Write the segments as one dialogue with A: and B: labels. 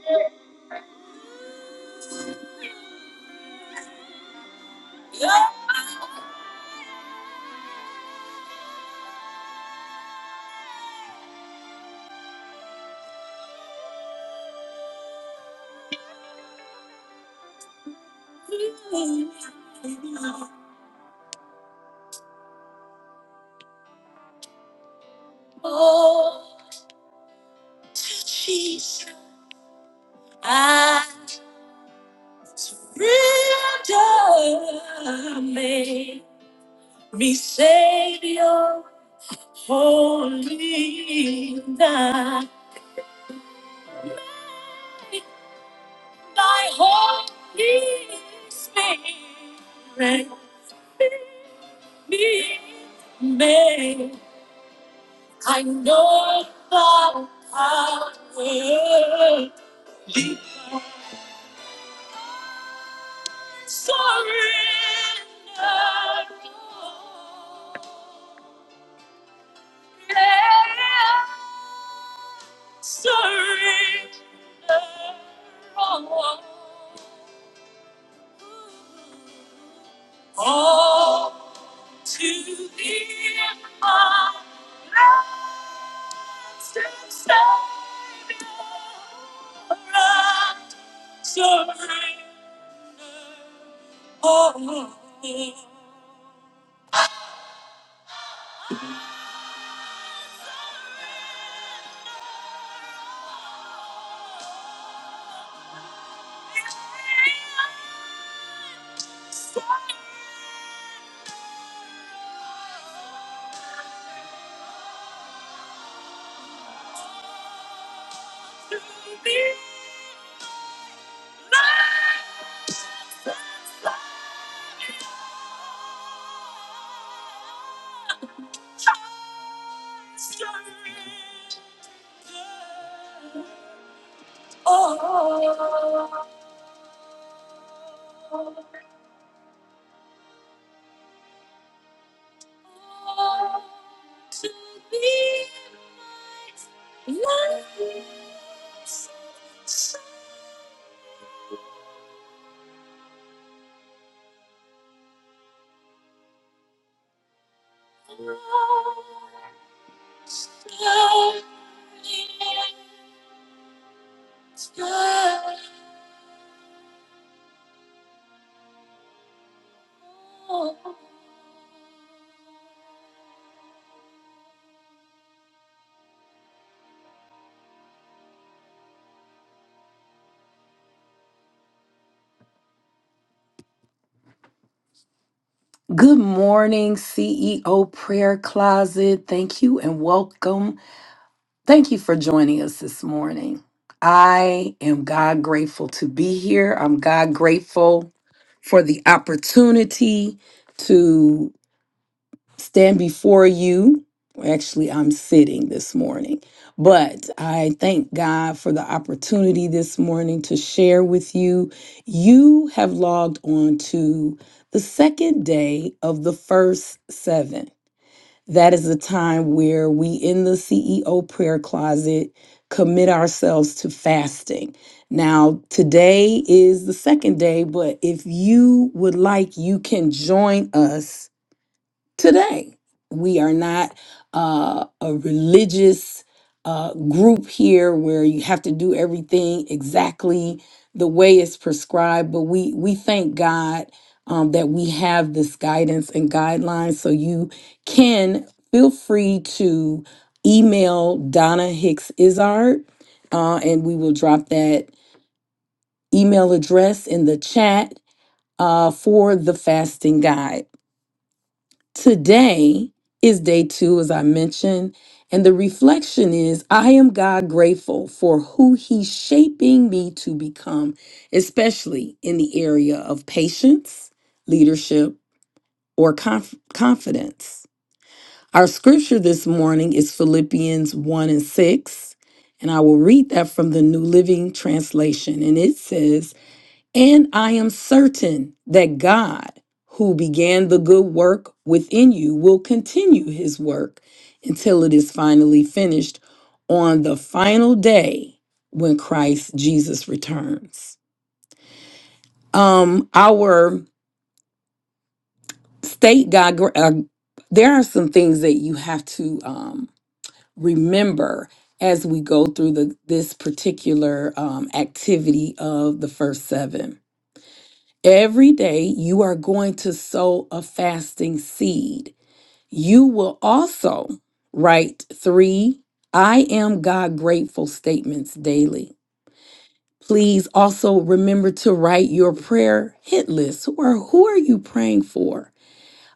A: Good morning, CEO Prayer Closet. Thank you and welcome. Thank you for joining us this morning. I am God grateful to be here. I'm God grateful for the opportunity stand before you. Actually, I'm sitting this morning, but I thank God for the opportunity this morning to share with you. You have logged on to the second day of the first seven. That is the time where we in the CEO prayer closet commit ourselves to fasting. Now, today is the second day, but if you would like, you can join us today. We are not uh, a religious uh, group here where you have to do everything exactly the way it's prescribed, but we, we thank God um, that we have this guidance and guidelines. So you can feel free to email Donna Hicks Izard, uh, and we will drop that email address in the chat uh, for the fasting guide. Today is day two, as I mentioned, and the reflection is I am God grateful for who He's shaping me to become, especially in the area of patience, leadership, or conf- confidence. Our scripture this morning is Philippians 1 and 6, and I will read that from the New Living Translation, and it says, and I am certain that God, who began the good work within you, will continue his work until it is finally finished on the final day when Christ Jesus returns. Um, our state God, uh, there are some things that you have to um, remember as we go through the, this particular um, activity of the first seven. Every day you are going to sow a fasting seed. You will also write three I am God grateful statements daily. Please also remember to write your prayer hit list or who are you praying for?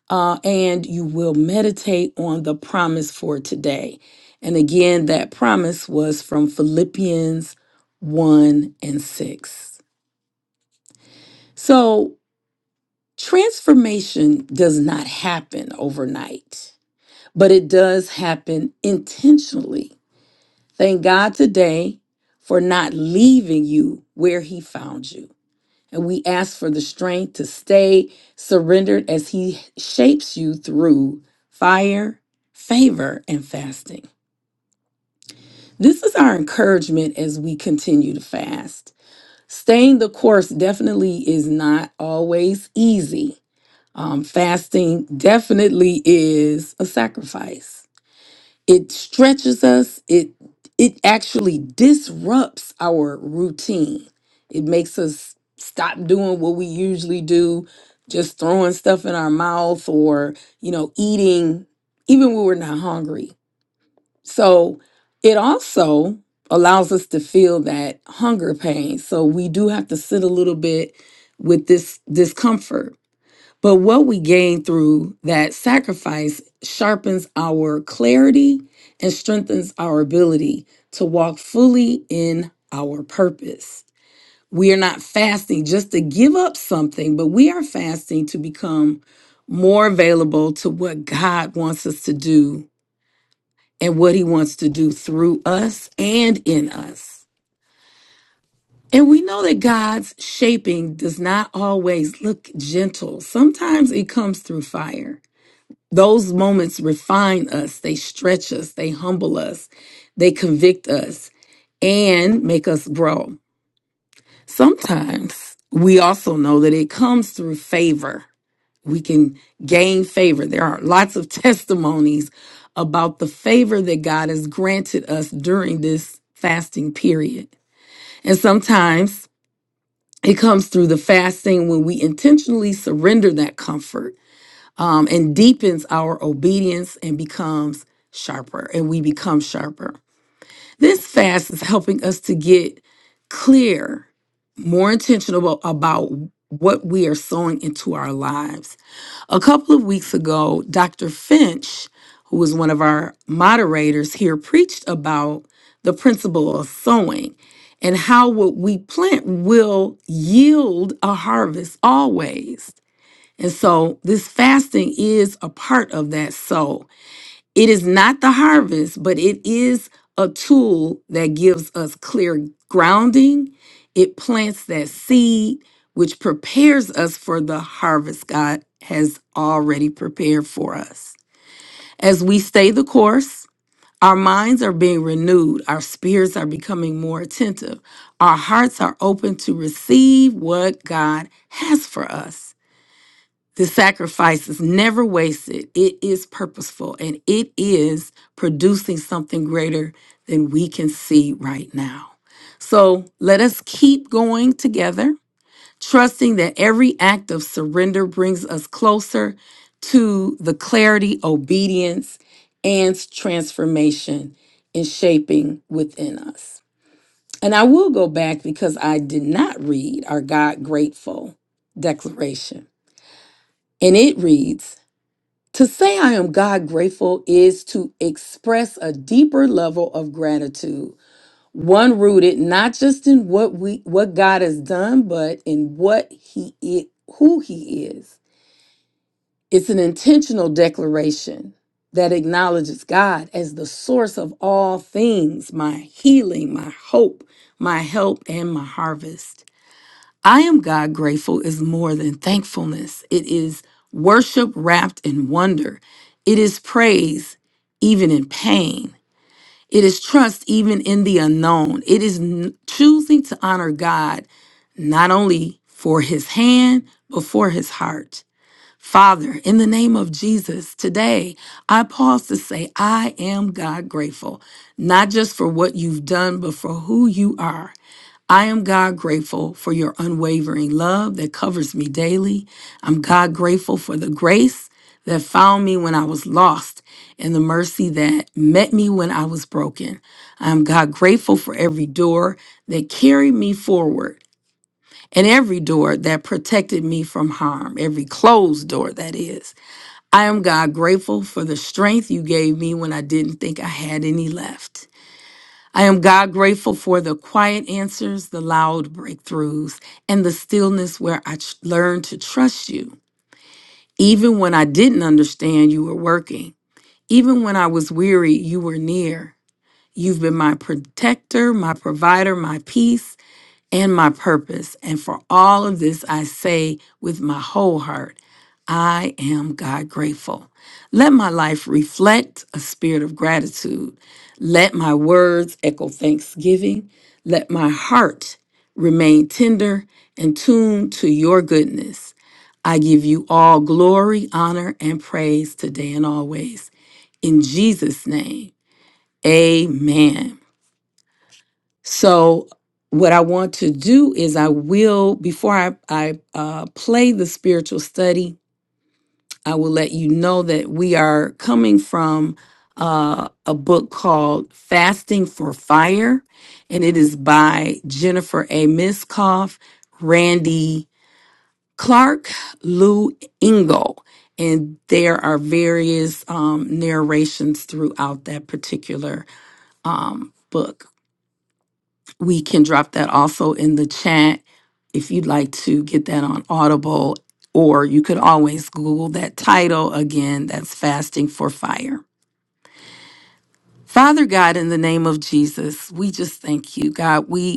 A: Uh, and you will meditate on the promise for today. And again, that promise was from Philippians 1 and 6. So Transformation does not happen overnight, but it does happen intentionally. Thank God today for not leaving you where He found you. And we ask for the strength to stay surrendered as He shapes you through fire, favor, and fasting. This is our encouragement as we continue to fast. Staying the course definitely is not always easy Um, fasting definitely is a sacrifice. It stretches us. It it actually disrupts our routine. It makes us stop doing what we usually do, just throwing stuff in our mouth or you know eating even when we're not hungry. So it also allows us to feel that hunger pain. So we do have to sit a little bit with this discomfort but what we gain through that sacrifice sharpens our clarity and strengthens our ability to walk fully in our purpose. We are not fasting just to give up something, but we are fasting to become more available to what God wants us to do and what He wants to do through us and in us. And we know that God's shaping does not always look gentle, sometimes it comes through fire. Those moments refine us, they stretch us, they humble us, they convict us, and make us grow. Sometimes we also know that it comes through favor. We can gain favor. There are lots of testimonies about the favor that God has granted us during this fasting period. And sometimes it comes through the fasting when we intentionally surrender that comfort um, and deepens our obedience and becomes sharper, and we become sharper. This fast is helping us to get clear, more intentional about what we are sowing into our lives. A couple of weeks ago, Dr. Finch, who was one of our moderators here, preached about the principle of sowing and how what we plant will yield a harvest always. And so this fasting is a part of that soul. It is not the harvest, but it is a tool that gives us clear grounding. It plants that seed, which prepares us for the harvest God has already prepared for us. As we stay the course, our minds are being renewed, our spirits are becoming more attentive, our hearts are open to receive what God has for us. The sacrifice is never wasted. It is purposeful and it is producing something greater than we can see right now. So let us keep going together, trusting that every act of surrender brings us closer to the clarity, obedience, and transformation in shaping within us. And I will go back because I did not read our God grateful declaration. And it reads, to say I am God grateful is to express a deeper level of gratitude, one rooted not just in what we what God has done, but in what he is, who he is. It's an intentional declaration that acknowledges God as the source of all things, my healing, my hope, my help and my harvest. I am God grateful is more than thankfulness. It is worship wrapped in wonder. It is praise even in pain. It is trust even in the unknown. It is n- choosing to honor God not only for his hand, but for his heart. Father, in the name of Jesus, today I pause to say, I am God grateful, not just for what you've done, but for who you are. I am God grateful for your unwavering love that covers me daily. I'm God grateful for the grace that found me when I was lost and the mercy that met me when I was broken. I'm God grateful for every door that carried me forward and every door that protected me from harm, every closed door that is. I am God grateful for the strength you gave me when I didn't think I had any left. I am God grateful for the quiet answers, the loud breakthroughs, and the stillness where I tr- learned to trust you. Even when I didn't understand, you were working. Even when I was weary, you were near. You've been my protector, my provider, my peace and my purpose. And for all of this, I say with my whole heart, I am God grateful. Let my life reflect a spirit of gratitude. Let my words echo thanksgiving. Let my heart remain tender and tuned to your goodness. I give you all glory, honor, and praise today and always. In Jesus' name, amen. So, what I want to do is, I will, before I, I uh, play the spiritual study, I will let you know that we are coming from uh, a book called Fasting for Fire, and it is by Jennifer A. Miskoff, Randy Clark, Lou Ingle. And there are various um, narrations throughout that particular um, book we can drop that also in the chat if you'd like to get that on Audible, or you could always Google that title again. That's Fasting for Fire. Father God, in the name of Jesus, we just thank you, God. We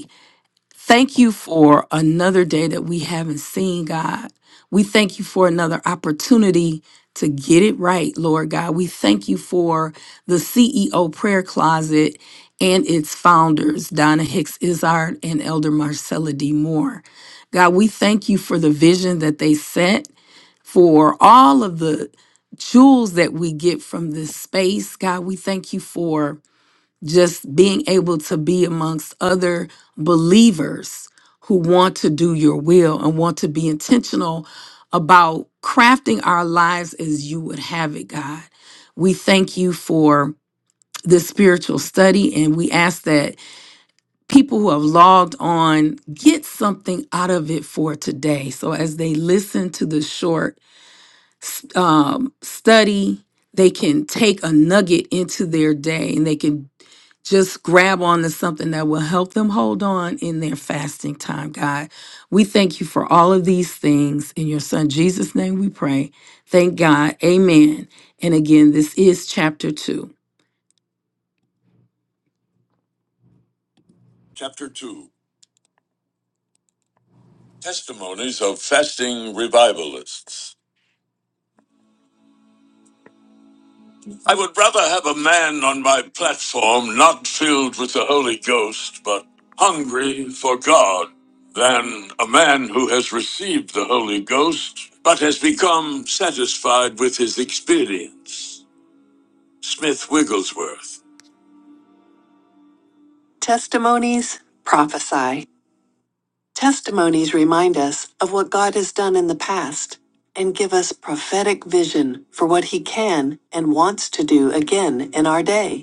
A: Thank you for another day that we haven't seen, God. We thank you for another opportunity to get it right, Lord God. We thank you for the CEO prayer closet and its founders, Donna Hicks Izard and Elder Marcella D. Moore. God, we thank you for the vision that they set for all of the jewels that we get from this space. God, we thank you for just being able to be amongst other believers who want to do your will and want to be intentional about crafting our lives as you would have it, God. We thank you for this spiritual study and we ask that people who have logged on get something out of it for today. So as they listen to the short s- um, study, they can take a nugget into their day and they can just grab on to something that will help them hold on in their fasting time, God. We thank you for all of these things. In your son Jesus' name we pray. Thank God. Amen. And again, this is chapter two. Chapter two Testimonies of Fasting Revivalists. I would rather have a man on my platform not filled with the Holy Ghost, but hungry for God, than a man who has received the Holy Ghost, but has become satisfied with his experience. Smith Wigglesworth. Testimonies prophesy. Testimonies remind us of what God has done in the past and give us prophetic vision for what he can and wants to do again in our day.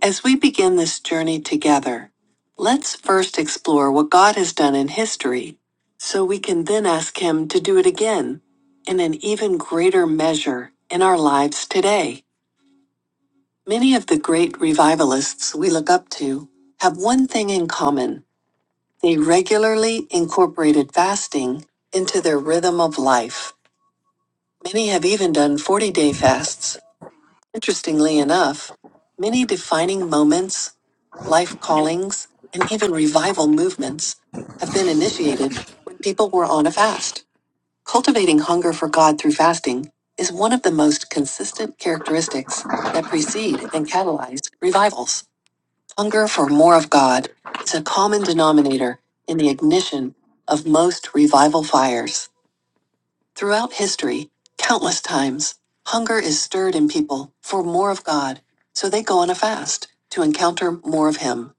A: As we begin this journey together, let's first explore what God has done in history so we can then ask Him to do it again in an even greater measure in our lives today. Many of the great revivalists we look up to have one thing in common. They regularly incorporated fasting into their rhythm of life. Many have even done 40 day fasts. Interestingly enough, many defining moments life callings, and even revival movements have been initiated when people were on a fast. Cultivating hunger for God through fasting is one of the most consistent characteristics that precede and catalyze revivals. Hunger for more of God is a common denominator in the ignition of most revival fires. Throughout history, countless times, hunger is stirred in people for more of God, so they go on a fast to encounter more of Him.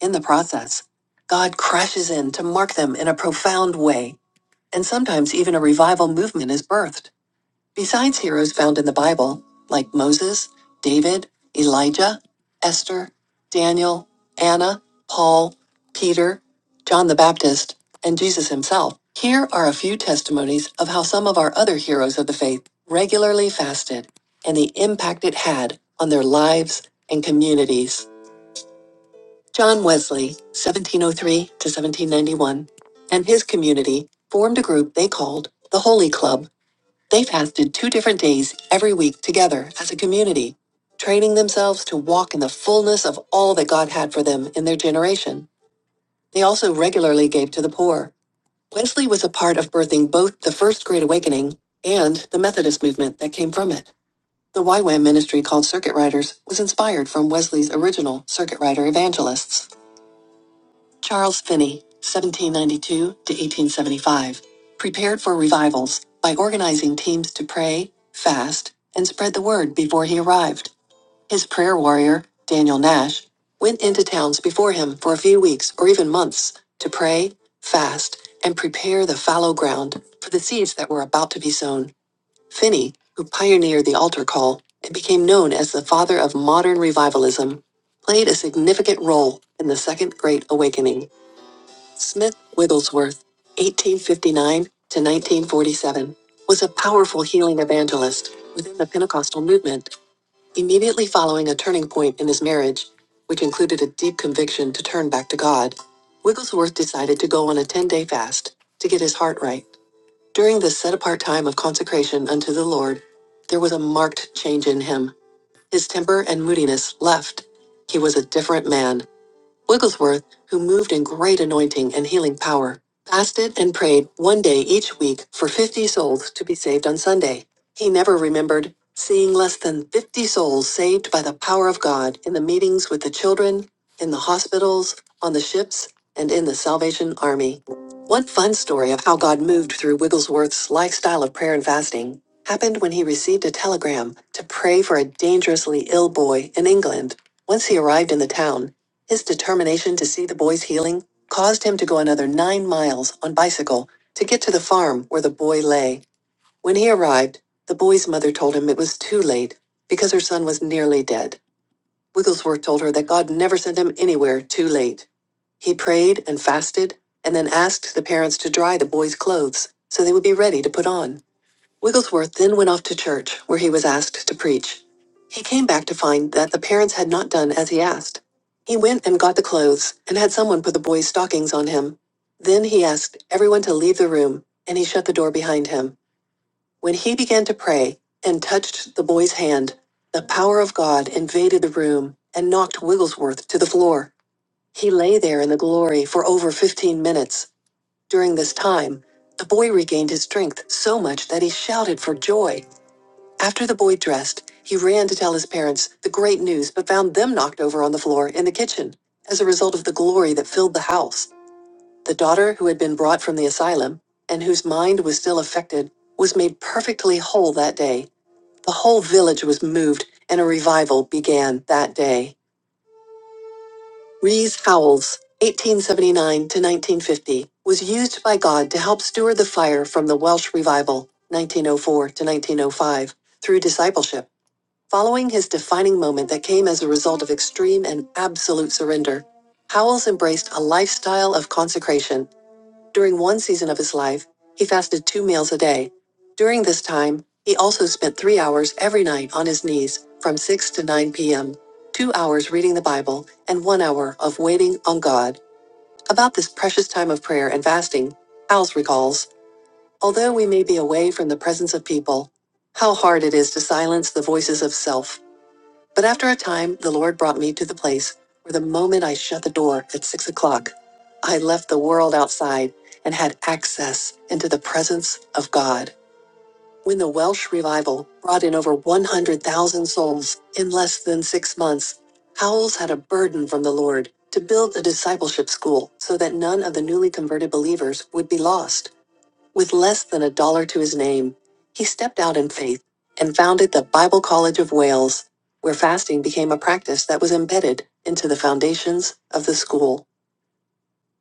A: In the process, God crashes in to mark them in a profound way, and sometimes even a revival movement is birthed. Besides heroes found in the Bible, like Moses, David, Elijah, Esther, Daniel, Anna, Paul, Peter, John the Baptist, and Jesus himself, here are a few testimonies of how some of our other heroes of the faith regularly fasted and the impact it had on their lives and communities. John Wesley, 1703 to 1791, and his community formed a group they called the Holy Club. They fasted two different days every week together as a community, training themselves to walk in the fullness of all that God had for them in their generation. They also regularly gave to the poor. Wesley was a part of birthing both the First Great Awakening and the Methodist movement that came from it. The YWAM ministry called Circuit Riders was inspired from Wesley's original Circuit Rider evangelists. Charles Finney, 1792 to 1875, prepared for revivals by organizing teams to pray, fast, and spread the word before he arrived. His prayer warrior, Daniel Nash, went into towns before him for a few weeks or even months to pray, fast, and prepare the fallow ground for the seeds that were about to be sown. Finney, who pioneered the altar call and became known as the father of modern revivalism, played a significant role in the Second Great Awakening. Smith Wigglesworth, 1859 to 1947, was a powerful healing evangelist within the Pentecostal movement, immediately following a turning point in his marriage, which included a deep conviction to turn back to God. Wigglesworth decided to go on a 10 day fast to get his heart right. During this set apart time of consecration unto the Lord, there was a marked change in him. His temper and moodiness left. He was a different man Wigglesworth, who moved in great anointing and healing power, fasted and prayed one day each week for 50 souls to be saved on Sunday. He never remembered seeing less than 50 souls saved by the power of God in the meetings with the children, in the hospitals, on the ships, and in the Salvation Army. One fun story of how God moved through Wigglesworth's lifestyle of prayer and fasting happened when he received a telegram to pray for a dangerously ill boy in England. Once he arrived in the town, his determination to see the boy's healing caused him to go another nine miles on bicycle to get to the farm where the boy lay. When he arrived, the boy's mother told him it was too late because her son was nearly dead. Wigglesworth told her that God never sent him anywhere too late. He prayed and fasted and then asked the parents to dry the boy's clothes so they would be ready to put on. Wigglesworth then went off to church, where he was asked to preach. He came back to find that the parents had not done as he asked. He went and got the clothes and had someone put the boy's stockings on him. Then he asked everyone to leave the room, and he shut the door behind him. When he began to pray and touched the boy's hand, the power of God invaded the room and knocked Wigglesworth to the floor. He lay there in the glory for over 15 minutes. During this time, the boy regained his strength so much that he shouted for joy. After the boy dressed, he ran to tell his parents the great news, but found them knocked over on the floor in the kitchen as a result of the glory that filled the house. The daughter who had been brought from the asylum and whose mind was still affected was made perfectly whole that day. The whole village was moved and a revival began that day. Rees Howells, 1879 to 1950, was used by God to help steward the fire from the Welsh Revival, 1904 to 1905, through discipleship. Following his defining moment that came as a result of extreme and absolute surrender, Howells embraced a lifestyle of consecration. During one season of his life, he fasted two meals a day. During this time, he also spent three hours every night on his knees from 6 to 9 p.m., two hours reading the Bible, and one hour of waiting on God. About this precious time of prayer and fasting, Howells recalls, although we may be away from the presence of people, how hard it is to silence the voices of self. But after a time, the Lord brought me to the place where the moment I shut the door at six o'clock, I left the world outside and had access into the presence of God. When the Welsh revival brought in over 100,000 souls in less than six months, Howells had a burden from the Lord to build a discipleship school so that none of the newly converted believers would be lost. With less than a dollar to his name, he stepped out in faith and founded the Bible College of Wales, where fasting became a practice that was embedded into the foundations of the school.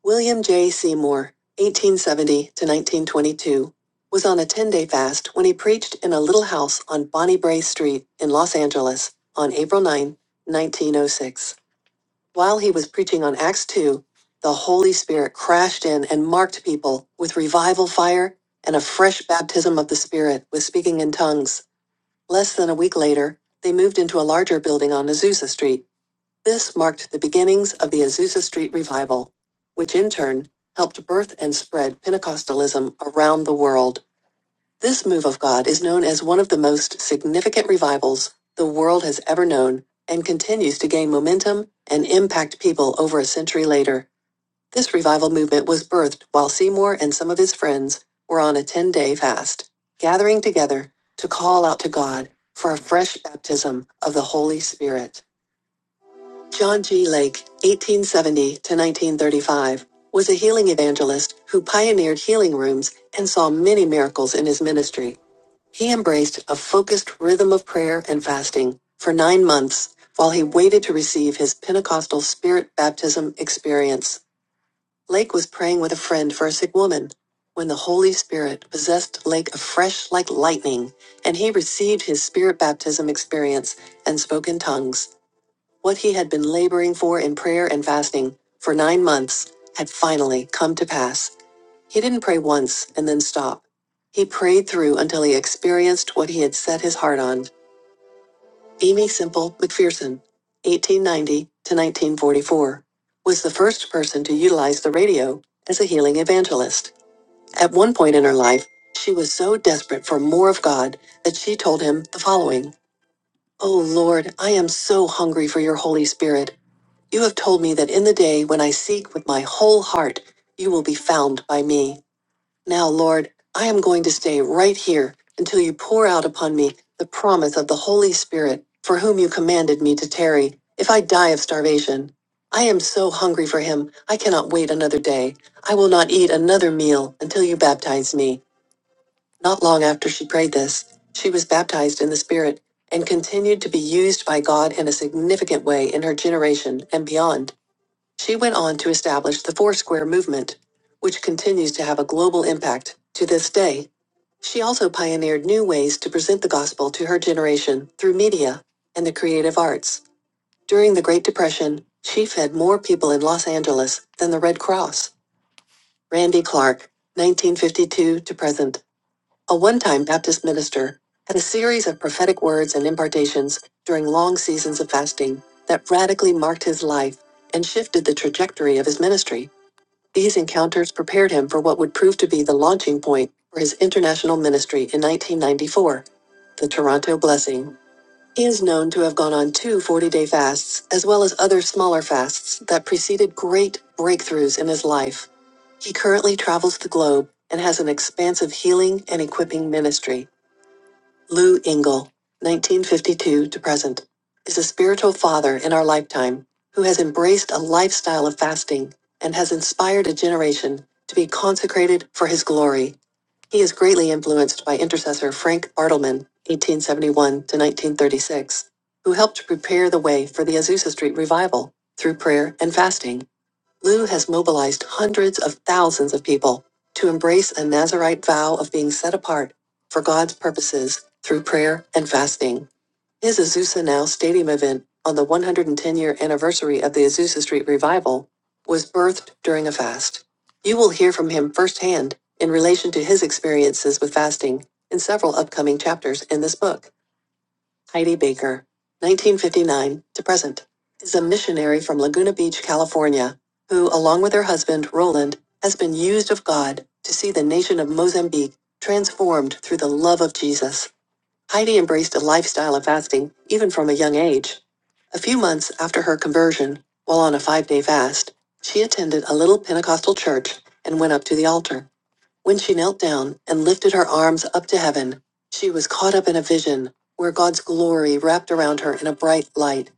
A: William J. Seymour, 1870 to 1922, was on a 10 day fast when he preached in a little house on Bonnie Bray Street in Los Angeles on April 9, 1906. While he was preaching on Acts 2, the Holy Spirit crashed in and marked people with revival fire and a fresh baptism of the Spirit with speaking in tongues. Less than a week later, they moved into a larger building on Azusa Street. This marked the beginnings of the Azusa Street revival, which in turn helped birth and spread Pentecostalism around the world. This move of God is known as one of the most significant revivals the world has ever known and continues to gain momentum and impact people over a century later. This revival movement was birthed while Seymour and some of his friends were on a 10 day fast, gathering together to call out to God for a fresh baptism of the Holy Spirit. John G. Lake, 1870 to 1935, was a healing evangelist who pioneered healing rooms and saw many miracles in his ministry. He embraced a focused rhythm of prayer and fasting for nine months while he waited to receive his Pentecostal spirit baptism experience. Lake was praying with a friend for a sick woman when the Holy Spirit possessed Lake afresh like lightning, and he received his spirit baptism experience and spoke in tongues. What he had been laboring for in prayer and fasting for nine months had finally come to pass. He didn't pray once and then stop. He prayed through until he experienced what he had set his heart on. Amy Simple McPherson, 1890 to 1944, was the first person to utilize the radio as a healing evangelist. At one point in her life, she was so desperate for more of God that she told him the following Oh Lord, I am so hungry for your Holy Spirit. You have told me that in the day when I seek with my whole heart, you will be found by me. Now, Lord, I am going to stay right here until you pour out upon me the promise of the Holy Spirit, for whom you commanded me to tarry, if I die of starvation. I am so hungry for him, I cannot wait another day. I will not eat another meal until you baptize me. Not long after she prayed this, she was baptized in the Spirit and continued to be used by God in a significant way in her generation and beyond. She went on to establish the Foursquare movement, which continues to have a global impact to this day. She also pioneered new ways to present the gospel to her generation through media and the creative arts. During the Great Depression, she fed more people in Los Angeles than the Red Cross. Randy Clark, 1952 to present, a one time Baptist minister, had a series of prophetic words and impartations during long seasons of fasting that radically marked his life and shifted the trajectory of his ministry. These encounters prepared him for what would prove to be the launching point for his international ministry in 1994, the Toronto Blessing. He is known to have gone on two 40 day fasts, as well as other smaller fasts that preceded great breakthroughs in his life. He currently travels the globe and has an expansive healing and equipping ministry. Lou Engle, 1952 to present, is a spiritual father in our lifetime who has embraced a lifestyle of fasting and has inspired a generation to be consecrated for his glory. He is greatly influenced by intercessor Frank Bartleman, 1871 to 1936, who helped prepare the way for the Azusa Street revival through prayer and fasting. Lou has mobilized hundreds of thousands of people to embrace a Nazarite vow of being set apart for God's purposes through prayer and fasting. His Azusa Now Stadium event on the 110 year anniversary of the Azusa Street Revival was birthed during a fast. You will hear from him firsthand in relation to his experiences with fasting in several upcoming chapters in this book. Heidi Baker, 1959 to present, is a missionary from Laguna Beach, California, who, along with her husband, Roland, has been used of God to see the nation of Mozambique transformed through the love of Jesus. Heidi embraced a lifestyle of fasting, even from a young age. A few months after her conversion, while on a five day fast, she attended a little Pentecostal church and went up to the altar. When she knelt down and lifted her arms up to heaven, she was caught up in a vision where God's glory wrapped around her in a bright light.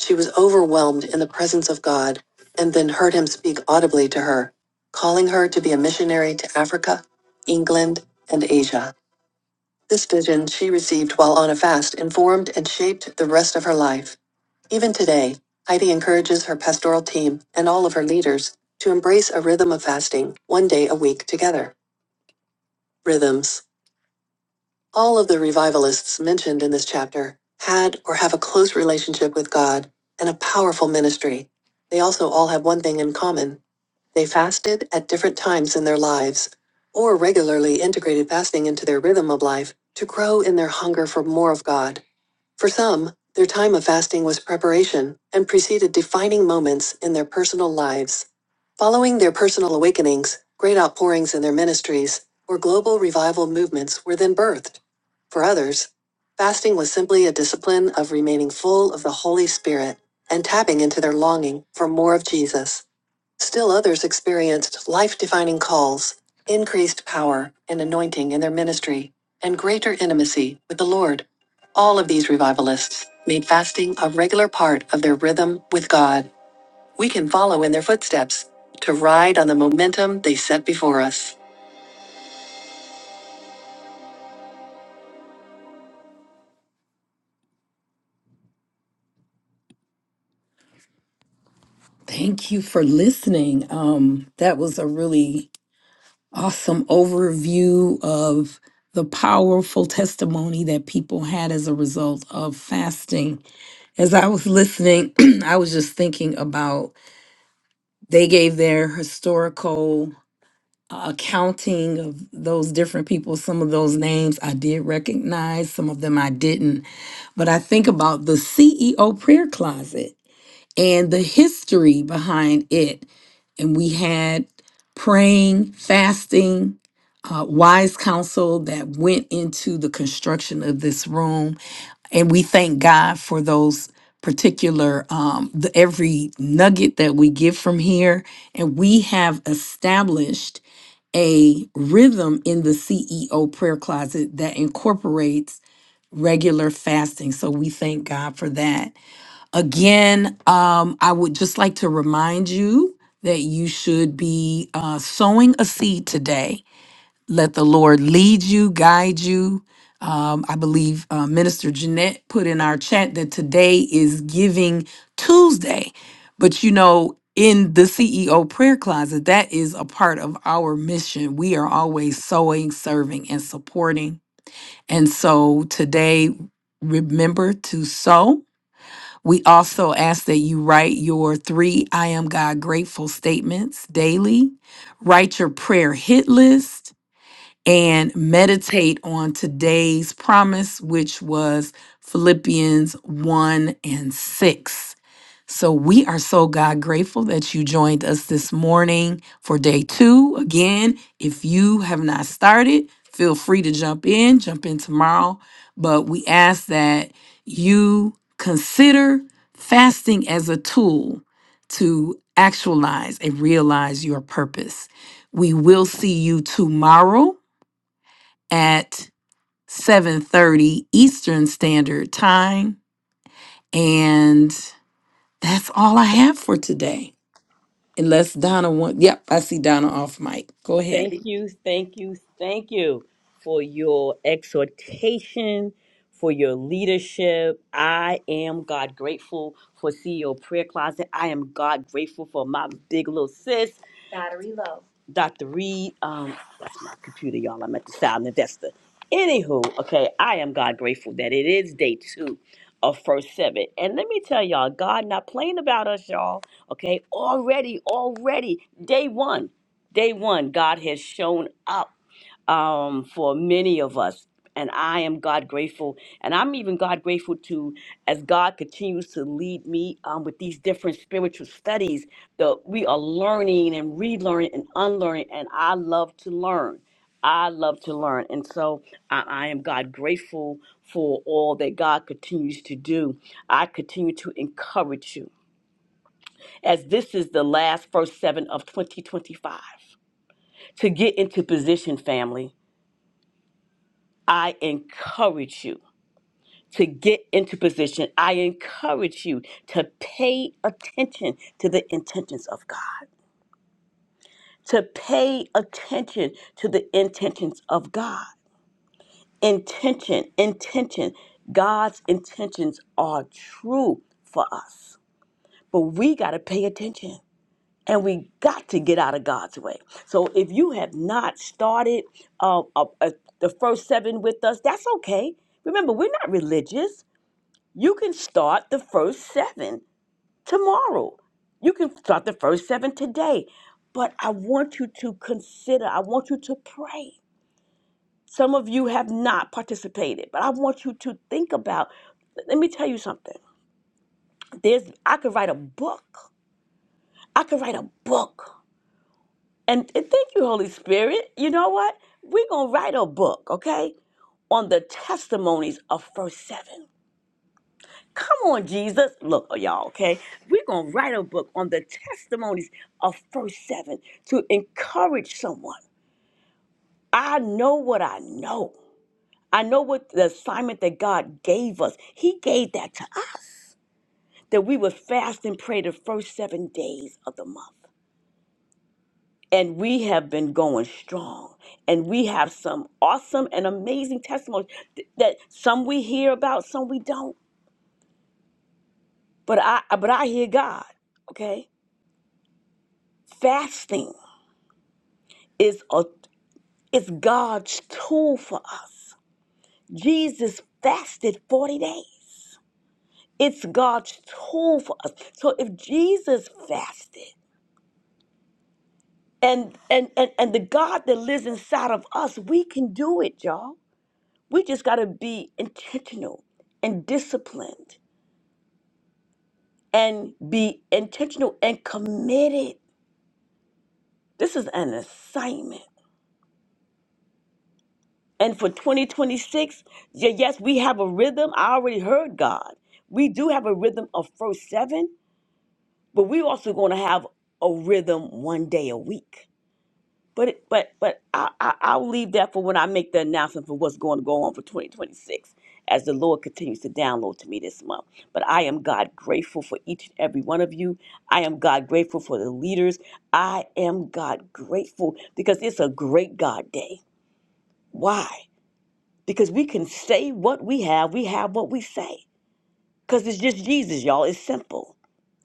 A: She was overwhelmed in the presence of God and then heard him speak audibly to her, calling her to be a missionary to Africa, England, and Asia. This vision she received while on a fast informed and shaped the rest of her life. Even today, Heidi encourages her pastoral team and all of her leaders to embrace a rhythm of fasting one day a week together. Rhythms. All of the revivalists mentioned in this chapter had or have a close relationship with God and a powerful ministry. They also all have one thing in common they fasted at different times in their lives, or regularly integrated fasting into their rhythm of life to grow in their hunger for more of God. For some, their time of fasting was preparation and preceded defining moments in their personal lives. Following their personal awakenings, great outpourings in their ministries, or global revival movements were then birthed. For others, fasting was simply a discipline of remaining full of the Holy Spirit and tapping into their longing for more of Jesus. Still others experienced life defining calls, increased power and anointing in their ministry, and greater intimacy with the Lord. All of these revivalists made fasting a regular part of their rhythm with God. We can follow in their footsteps to ride on the momentum they set before us. Thank you for listening. Um, that was a really awesome overview of the powerful testimony that people had as a result of fasting. As I was listening, I was just thinking about they gave their historical uh, accounting of those different people. Some of those names I did recognize, some of them I didn't. But I think about the CEO prayer closet and the history behind it. And we had praying, fasting, uh, wise counsel that went into the construction of this room and we thank God for those particular um the every nugget that we get from here and we have established a rhythm in the CEO prayer closet that incorporates regular fasting so we thank God for that again um I would just like to remind you that you should be uh, sowing a seed today let the Lord lead you, guide you. Um, I believe uh, Minister Jeanette put in our chat that today is Giving Tuesday. But you know, in the CEO prayer closet, that is a part of our mission. We are always sowing, serving, and supporting. And so today, remember to sow. We also ask that you write your three I am God grateful statements daily, write your prayer hit list and meditate on today's promise, which was Philippians 1 and 6. So we are so God grateful that you joined us this morning for day two. Again, if you have not started, feel free to jump in, jump in tomorrow. But we ask that you consider fasting as a tool to actualize and realize your purpose. We will see you tomorrow at 7:30 Eastern Standard Time and that's all I have for today. Unless Donna wants Yep, I see Donna off mic. Go ahead.
B: Thank you, thank you, thank you for your exhortation, for your leadership. I am God grateful for CEO Prayer Closet. I am God grateful for my big little sis. Battery low. Dr. Reed. Um, that's my computer, y'all. I'm at the silent investor. Anywho, okay, I am God grateful that it is day two of first seven. And let me tell y'all, God not playing about us, y'all. Okay, already, already, day one. Day one, God has shown up um, for many of us. And I am God grateful. And I'm even God grateful to, as God continues to lead me um, with these different spiritual studies that we are learning and relearning and unlearning. And I love to learn. I love to learn. And so I, I am God grateful for all that God continues to do. I continue to encourage you as this is the last first seven of 2025 to get into position, family, I encourage you to get into position. I encourage you to pay attention to the intentions of God, to pay attention to the intentions of God. Intention, intention. God's intentions are true for us, but we got to pay attention. and we got to get out of God's way. So if you have not started uh, uh, uh, the first seven with us, that's okay. Remember, we're not religious. You can start the first seven tomorrow. You can start the first seven today. But I want you to consider, I want you to pray. Some of you have not participated, but I want you to think about. Let me tell you something. There's I could write a book. I could write a book And th- thank you, Holy Spirit. You know what? We're going to write a book, okay, on the testimonies of first seven. Come on, Jesus. Look, oh, y'all, okay? We're going to write a book on the testimonies of first seven to encourage someone. I know what I know. I know what the assignment that God gave us. He gave that to us that we would fast and pray the first seven days of the month. and we have been going strong and we have some awesome and amazing testimonies th- that some we hear about some we don't but i uh, but i hear god okay fasting is a is god's tool for us jesus fasted 40 days it's god's tool for us so if jesus fasted and and and, and the god that lives inside of us we can do it y'all We just got to be intentional and disciplined and be intentional and committed. This is an assignment. And for 2026, y- yes, we have a rhythm. I already heard God. We do have a rhythm of first seven, but we also going to have a rhythm one day a week But it- but but I, I I'll leave that for when I make the announcement for what's going to go on for 2026 as the Lord continues to download to me this month. But I am God grateful for each and every one of you. I am God grateful for the leaders. I am God grateful because it's a great God day. Why? Because we can say what we have, we have what we say. Because it's just Jesus, y'all. It's simple.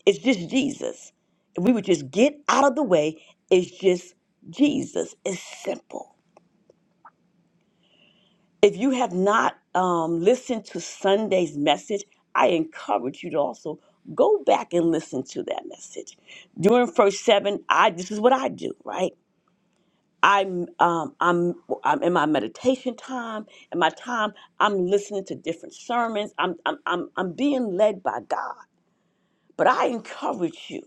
B: It's just Jesus. If we would just get out of the way, it's just Jesus. It's simple. If you have not um, listened to Sunday's message, I encourage you to also go back and listen to that message. During first seven, I this is what I do, right? I'm um, I'm I'm in my meditation time, in my time I'm listening to different sermons. I'm I'm I'm, I'm being led by God. But I encourage you,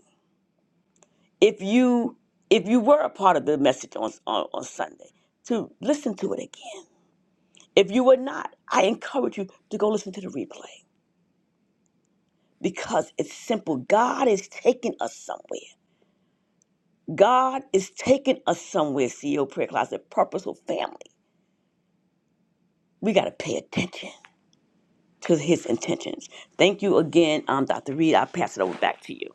B: if you if you were a part of the message on on, on Sunday, to listen to it again. If you were not, I encourage you to go listen to the replay because it's simple. God is taking us somewhere. God is taking us somewhere, CEO Prayer Closet, Purposeful Family. We got to pay attention to his intentions. Thank you again, um, Dr. Reed. I'll pass it over back to you.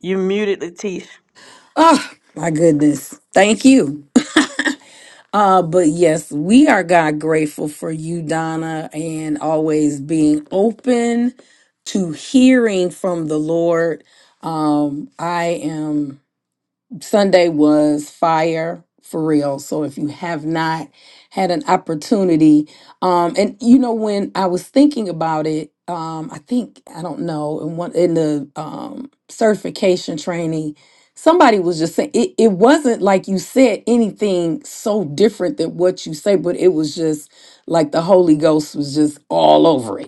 B: You're muted, Latish.
A: Oh, my goodness. Thank you. Uh, but yes, we are God grateful for you, Donna, and always being open to hearing from the Lord. Um, I am. Sunday was fire for real. So if you have not had an opportunity, um, and you know when I was thinking about it, um, I think I don't know in one in the um, certification training, somebody was just saying it, it wasn't like you said anything so different than what you say, but it was just like the Holy Ghost was just all over it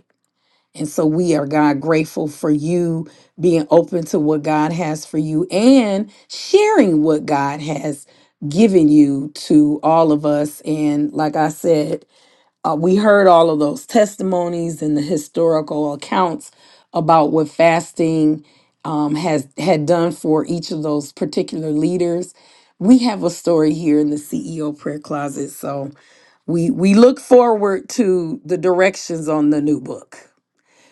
A: and so we are, God, grateful for you being open to what God has for you and sharing what God has given you to all of us. And like I said, uh, we heard all of those testimonies and the historical accounts about what fasting um, has had done for each of those particular leaders. We have a story here in the CEO prayer closet. So we we look forward to the directions on the new book.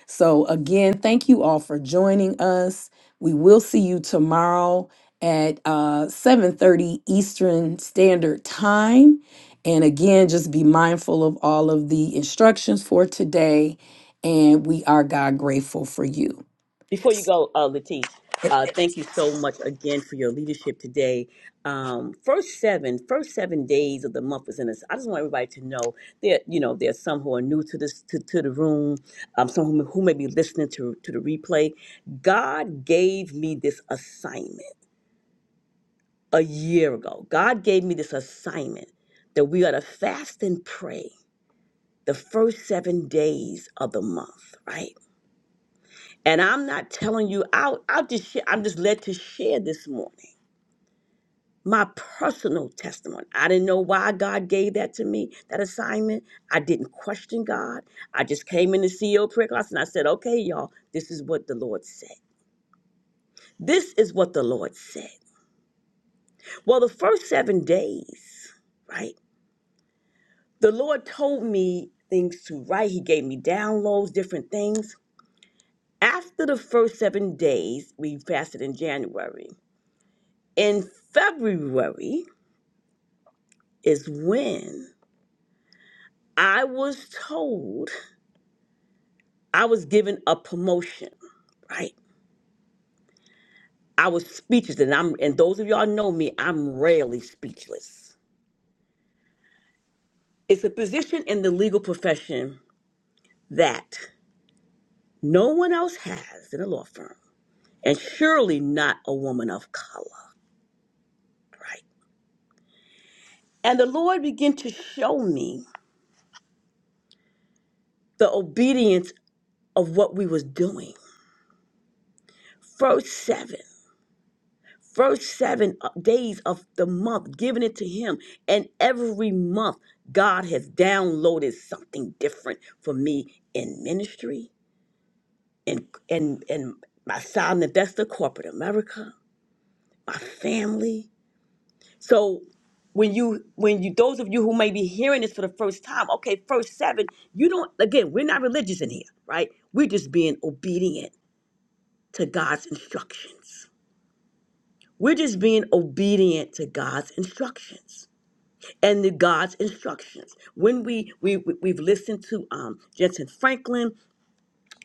A: So, again, thank you all for joining us. We will see you tomorrow at uh, 7.30 Eastern Standard Time. And again, just be mindful of all of the instructions for today. And we are God grateful for you.
B: Before you go, uh, Latif, uh, thank you so much again for your leadership today. Um, first seven, first seven days of the month is in us. I just want everybody to know that you know there's some who are new to this to, to the room, um, some who, who may be listening to to the replay. God gave me this assignment a year ago. God gave me this assignment that we are to fast and pray the first seven days of the month, right? And I'm not telling you, I'll, I'll just share, I'm just led to share this morning my personal testimony. I didn't know why God gave that to me, that assignment. I didn't question God. I just came in the CEO prayer class and I said, okay, y'all, this is what the Lord said. This is what the Lord said. Well, the first seven days, right? The Lord told me things to write. He gave me downloads, different things. After the first seven days, we fasted in January. In February, is when I was told I was given a promotion, right? I was speechless, and I'm and those of y'all know me, I'm rarely speechless. It's a position in the legal profession that no one else has in a law firm, and surely not a woman of color, right? And the Lord began to show me the obedience of what we was doing. Verse 7. first seven uh, days of the month, giving it to Him. And every month, God has downloaded something different for me in ministry, in in in my side investor, corporate America, my family. So when you when you those of you who may be hearing this for the first time, okay, first seven, you don't again, we're not religious in here, right? We're just being obedient to God's instructions. We're just being obedient to God's instructions. and the God's instructions. When we we we- we've listened to um, Jensen Franklin,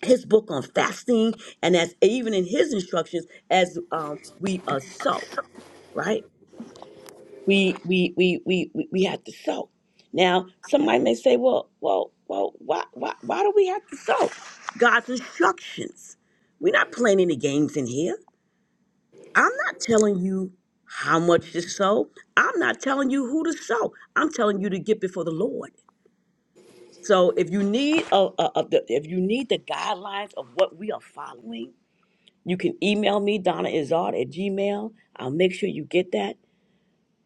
B: his book on fasting, and as even in his instructions, as um, we uh, sow, right? We we we we we we have to sow. Now, somebody may say, well, well, well, why why why do we have to sow? God's instructions. We're not playing any games in here. I'm not telling you how much to sow. I'm not telling you who to sow. I'm telling you to get before the Lord So if you need a, a, a the- if you need the guidelines of what we are following, you can email me Donna Izard at Gmail. I'll make sure you get that.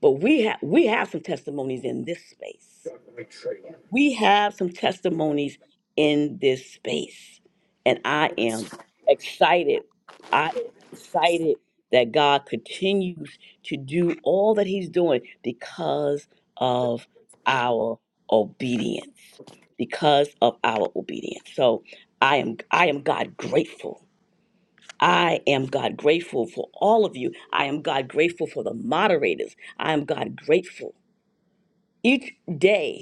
B: But we have we have some testimonies in this space. We have some testimonies in this space, and I am excited. I am excited that God continues to do all that He's doing because of our obedience. Because of our obedience. So I am I am God grateful. I am God grateful for all of you. I am God grateful for the moderators. I am God grateful each day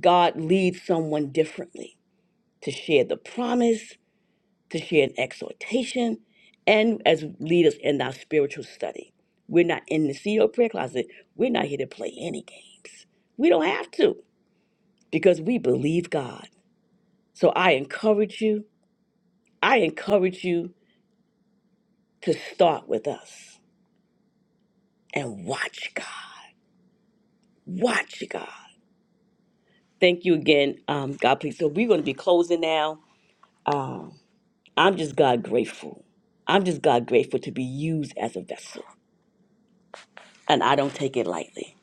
B: God leads someone differently to share the promise, to share an exhortation, and as leaders in our spiritual study. We're not in the CEO prayer closet. We're not here to play any games. We don't have to because we believe God. So I encourage you, I encourage you to start with us and watch God. Watch God. Thank you again, um, God, please. So we're going to be closing now. Um, I'm just God grateful. I'm just God grateful to be used as a vessel. And I don't take it lightly.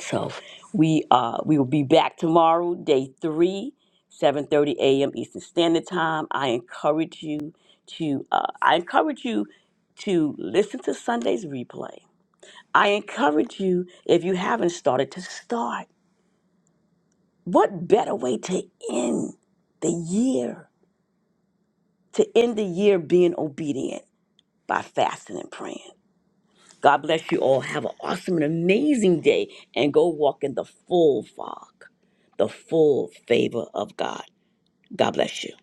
B: So we uh we will be back tomorrow, day three, 7:30 a.m. Eastern Standard Time. I encourage you to uh, I encourage you to listen to Sunday's replay. I encourage you, if you haven't started, to start. What better way to end the year? To end the year being obedient by fasting and praying. God bless you all. Have an awesome and amazing day and go walk in the full fog, the full favor of God. God bless you.